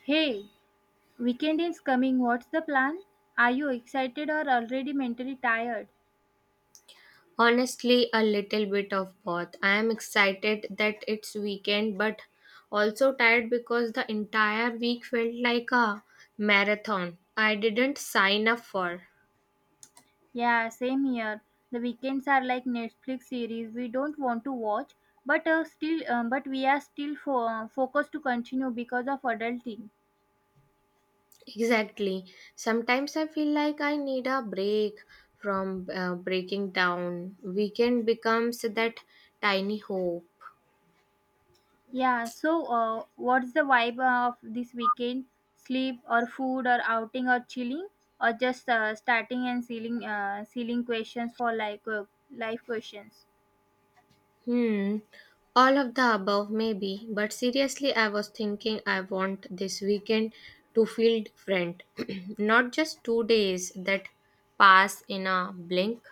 Hey, weekend is coming. What's the plan? Are you excited or already mentally tired? Honestly, a little bit of both. I am excited that it's weekend, but also tired because the entire week felt like a marathon I didn't sign up for. Yeah, same here. The weekends are like Netflix series we don't want to watch, but but we are still focused to continue because of adulting. Exactly. Sometimes I feel like I need a break from breaking down. Weekend becomes that tiny hope. Yeah. What's the vibe of this weekend? Sleep or food or outing or chilling or just starting and sealing, sealing questions for life questions. Hmm. All of the above, maybe. But seriously, I was thinking I want this weekend to feel different. Not just 2 days that pass in a blink.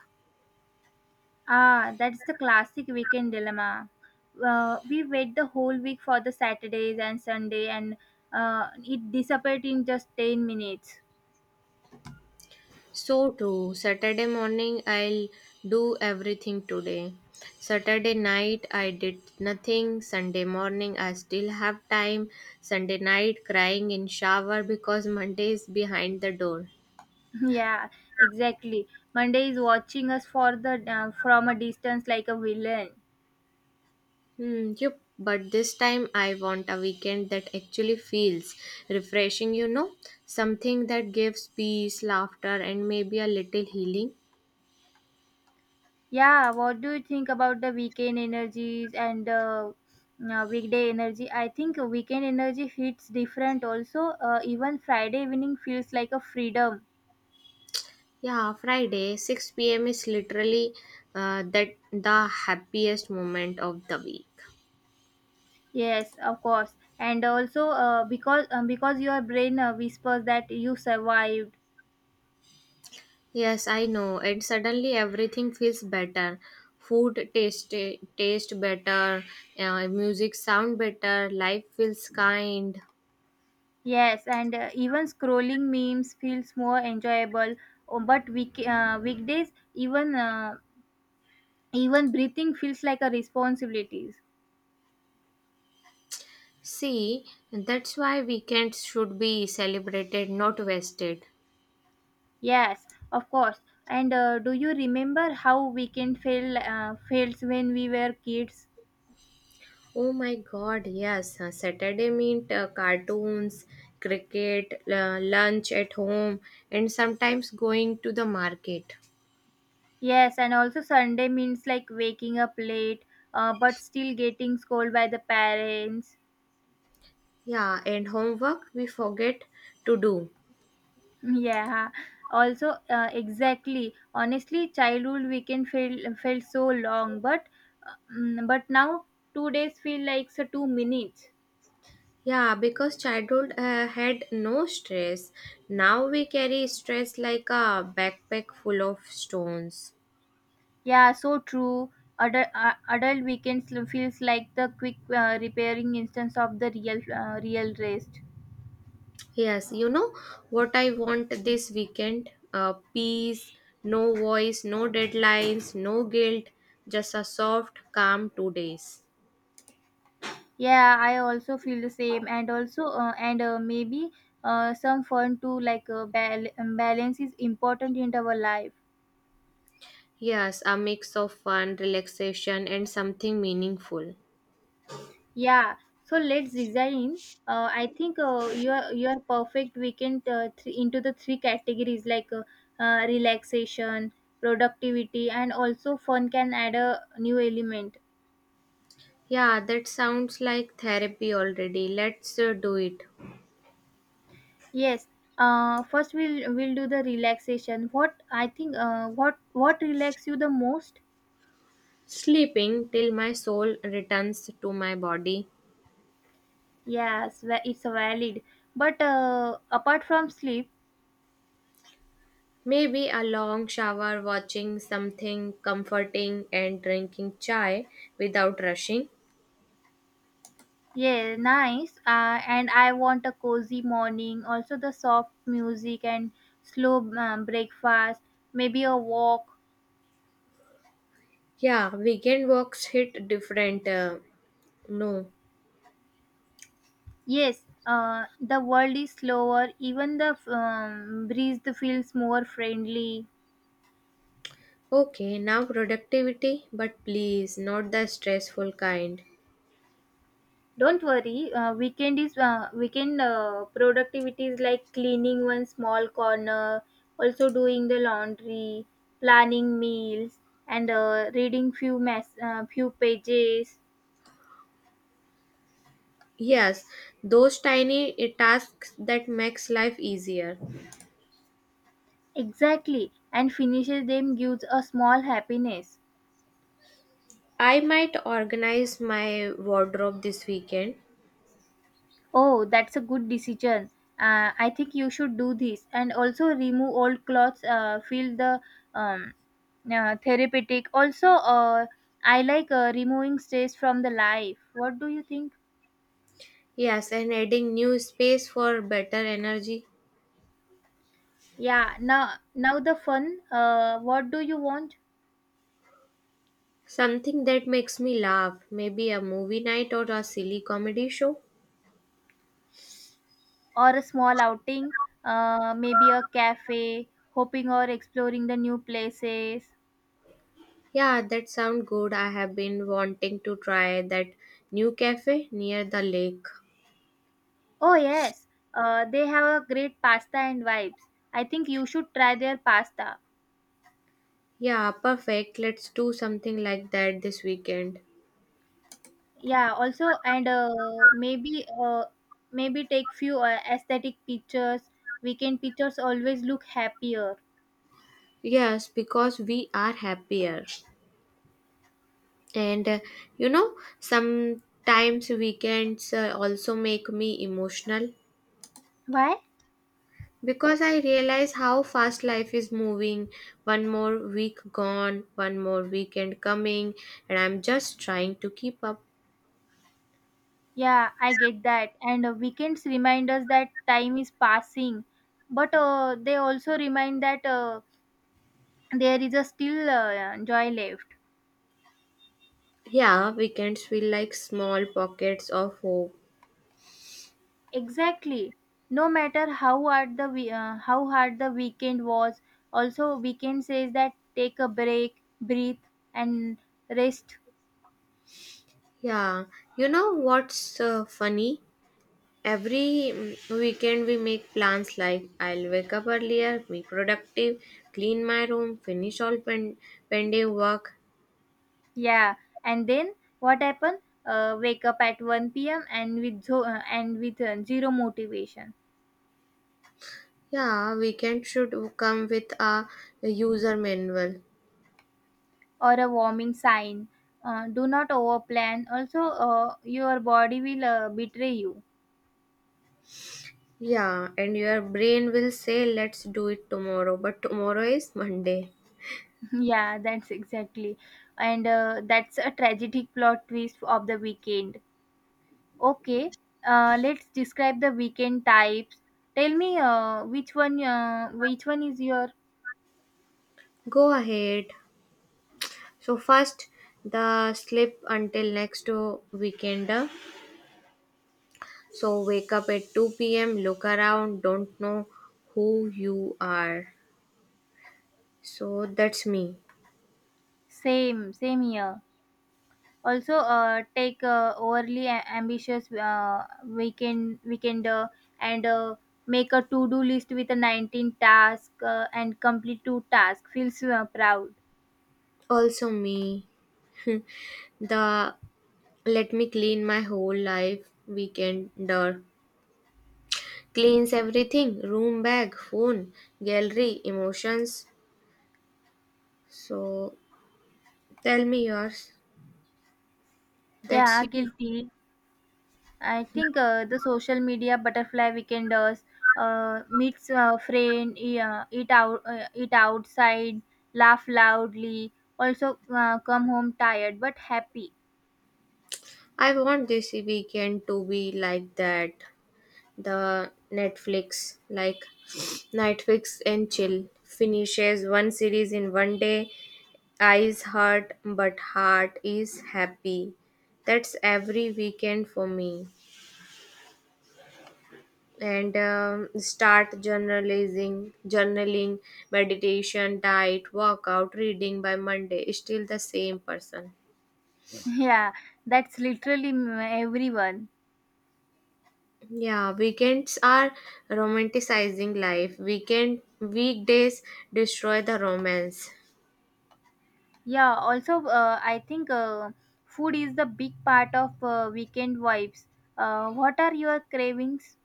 Ah, that's the classic weekend dilemma. We wait the whole week for the Saturdays and Sunday, and it disappeared in just 10 minutes. So true. Saturday morning, I'll do everything today. Saturday night, I did nothing. Sunday morning, I still have time. Sunday night, crying in shower because Monday is behind the door. Yeah, exactly. Monday is watching us for the from a distance like a villain. Hmm, yep, but this time I want a weekend that actually feels refreshing, you know, something that gives peace, laughter, and maybe a little healing. Yeah, what do you think about the weekend energies and weekday energy? I think weekend energy hits different also. Even Friday evening feels like a freedom. Yeah, Friday, 6 p.m. is literally that the happiest moment of the week. Yes, of course. And also because your brain whispers that you survived. Yes, I know, and suddenly everything feels better. Food taste better, music sound better, life feels kind. Yes, and even scrolling memes feels more enjoyable. Oh, but weekdays even breathing feels like a responsibilities. See, that's why weekends should be celebrated, not wasted. Yes, of course. And do you remember how weekend feel feels when we were kids? Oh my god, yes. Saturday meant cartoons, cricket, lunch at home, and sometimes going to the market. Yes, and also Sunday means like waking up late, but still getting scolded by the parents. Yeah, and homework we forget to do. Yeah, also exactly. Honestly, childhood weekend felt so long, but now two days feel like so two minutes. Yeah, because childhood had no stress. Now we carry stress like a backpack full of stones. Yeah, so true. Adult weekends feels like the quick repairing instance of the real rest. Yes, you know what I want this weekend? Peace, no voice, no deadlines, no guilt, just a soft, calm 2 days. Yeah, I also feel the same, and also and maybe some fun too. Like balance is important in our life. Yes, a mix of fun, relaxation, and something meaningful. Yeah, so let's design. I think your perfect weekend into the three categories relaxation, productivity, and also fun can add a new element. Yeah, that sounds like therapy already. Let's do it. Yes. First, we'll do the relaxation. What I think what relax you the most? Sleeping till my soul returns to my body. Yes, it's valid. But apart from sleep. Maybe a long shower, watching something comforting, and drinking chai without rushing. Yeah, nice. And I want a cozy morning, also the soft music and slow breakfast, maybe a walk. Yeah, weekend walks hit different. No. Yes, the world is slower, even the breeze feels more friendly. Okay, now productivity, but please, not the stressful kind. Don't worry, weekend productivity is like cleaning one small corner, also doing the laundry, planning meals, and reading few pages. Yes, those tiny tasks that makes life easier. Exactly, and finishes them gives a small happiness. I might organize my wardrobe this weekend. Oh, that's a good decision. I think you should do this, and also remove old clothes. Feel the um, therapeutic. Also, I like removing stress from the life. What do you think? Yes, and adding new space for better energy. Yeah, now the fun. What do you want? Something that makes me laugh, maybe a movie night or a silly comedy show. Or a small outing? Maybe a cafe, hoping or exploring the new places. Yeah, that sounds good. I have been wanting to try that new cafe near the lake. Oh, yes. They have a great pasta and vibes. I think you should try their pasta. Yeah, perfect. Let's do something like that this weekend. Yeah, also and maybe maybe take few aesthetic pictures. Weekend pictures always look happier. Yes, because we are happier. And you know, sometimes weekends also make me emotional Why? because I realize how fast life is moving. One more week gone, one more weekend coming, and I'm just trying to keep up. Yeah, I get that. And weekends remind us that time is passing, but they also remind that there is a still joy left. Yeah, weekends feel like small pockets of hope. Exactly. No matter how hard how hard the weekend was, also weekend says that take a break, breathe, and rest. Yeah, you know what's funny? Every weekend we make plans like I'll wake up earlier, be productive, clean my room, finish all pending work. Yeah, and then what happened? Wake up at one p.m. and with zero motivation. Yeah, weekend should come with a user manual. Or a warming sign. Do not overplan. Also, your body will betray you. Yeah, and your brain will say, let's do it tomorrow, but tomorrow is Monday. Yeah, that's exactly, and that's a tragic plot twist of the weekend. Okay, let's describe the weekend types. Tell me which one is your Go ahead. So first the sleep until next weekend. So wake up at 2 p.m. Look around. Don't know who you are. So that's me. same here. Also, take overly ambitious weekender and make a to do list with a 19 task and complete two tasks. Feels proud. Also me. The let me clean my whole life weekender. Cleans everything. Room, bag, phone, gallery, emotions. So tell me yours. That's Yeah, you. guilty. I think the social media butterfly weekenders meets a friend, eat outside, laugh loudly. Also, come home tired but happy. I want this weekend to be like that. The Netflix, like Netflix and chill. Finishes one series in one day. Eyes hurt, but heart is happy. That's every weekend for me. And start journalizing, journaling, meditation, diet, workout, reading by Monday. Still the same person. Yeah, that's literally everyone. Yeah, weekends are romanticizing life. Weekend weekdays destroy the romance. Yeah. Also, I think food is the big part of weekend vibes. What are your cravings?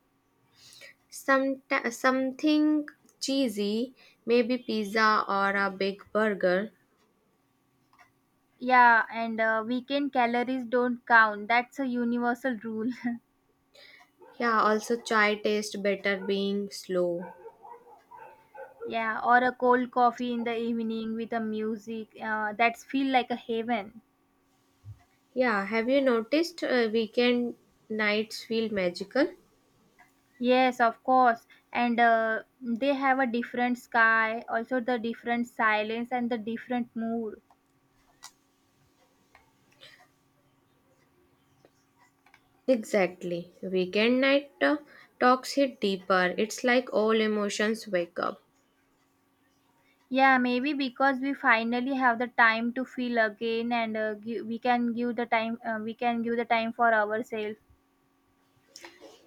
Some something cheesy, maybe pizza or a big burger. Yeah, and weekend calories don't count. That's a universal rule. Yeah, also chai tastes better being slow. Yeah, or a cold coffee in the evening with a music, that's feel like a heaven. Yeah, have you noticed weekend nights feel magical? Yes, of course. And they have a different sky, also the different silence and the different mood. Exactly. Weekend night talks hit deeper. It's like all emotions wake up. Yeah, maybe because we finally have the time to feel again, and we can give the time. We can give the time for ourselves.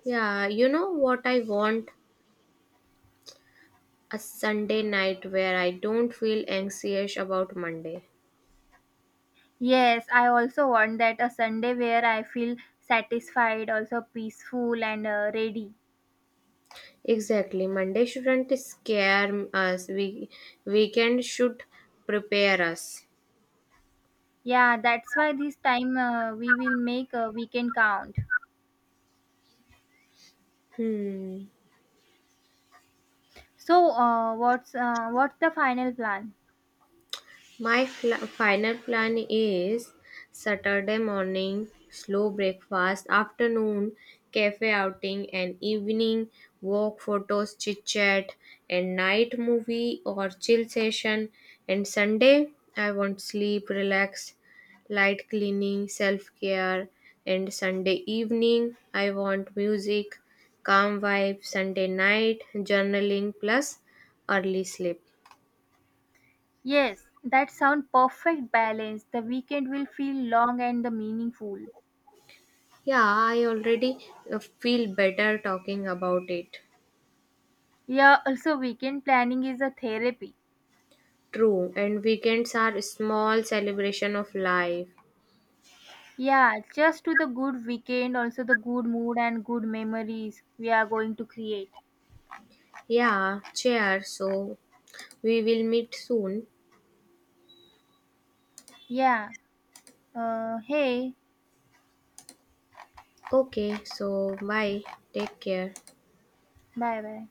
Yeah, you know what I want? A Sunday night where I don't feel anxious about Monday. Yes, I also want that a Sunday where I feel satisfied, also peaceful and ready. Exactly. Monday shouldn't scare us. We weekend should prepare us. Yeah, that's why this time we will make a weekend count. Hmm. So, what's the final plan? My final plan is Saturday morning, slow breakfast, afternoon, cafe outing, and evening walk, photos, chit chat, and night movie or chill session. And Sunday, I want sleep, relax, light cleaning, self care. And Sunday evening, I want music, calm vibe. Sunday night, journaling, plus early sleep. Yes, that sound perfect balance. The weekend will feel long and the meaningful. Yeah, I already feel better talking about it. Yeah, also weekend planning is a therapy. True, and weekends are a small celebration of life. Yeah, just to the good weekend, also the good mood and good memories we are going to create. Yeah, cheers. So we will meet soon. Yeah. Hey, Okay, so bye. Take care. bye bye.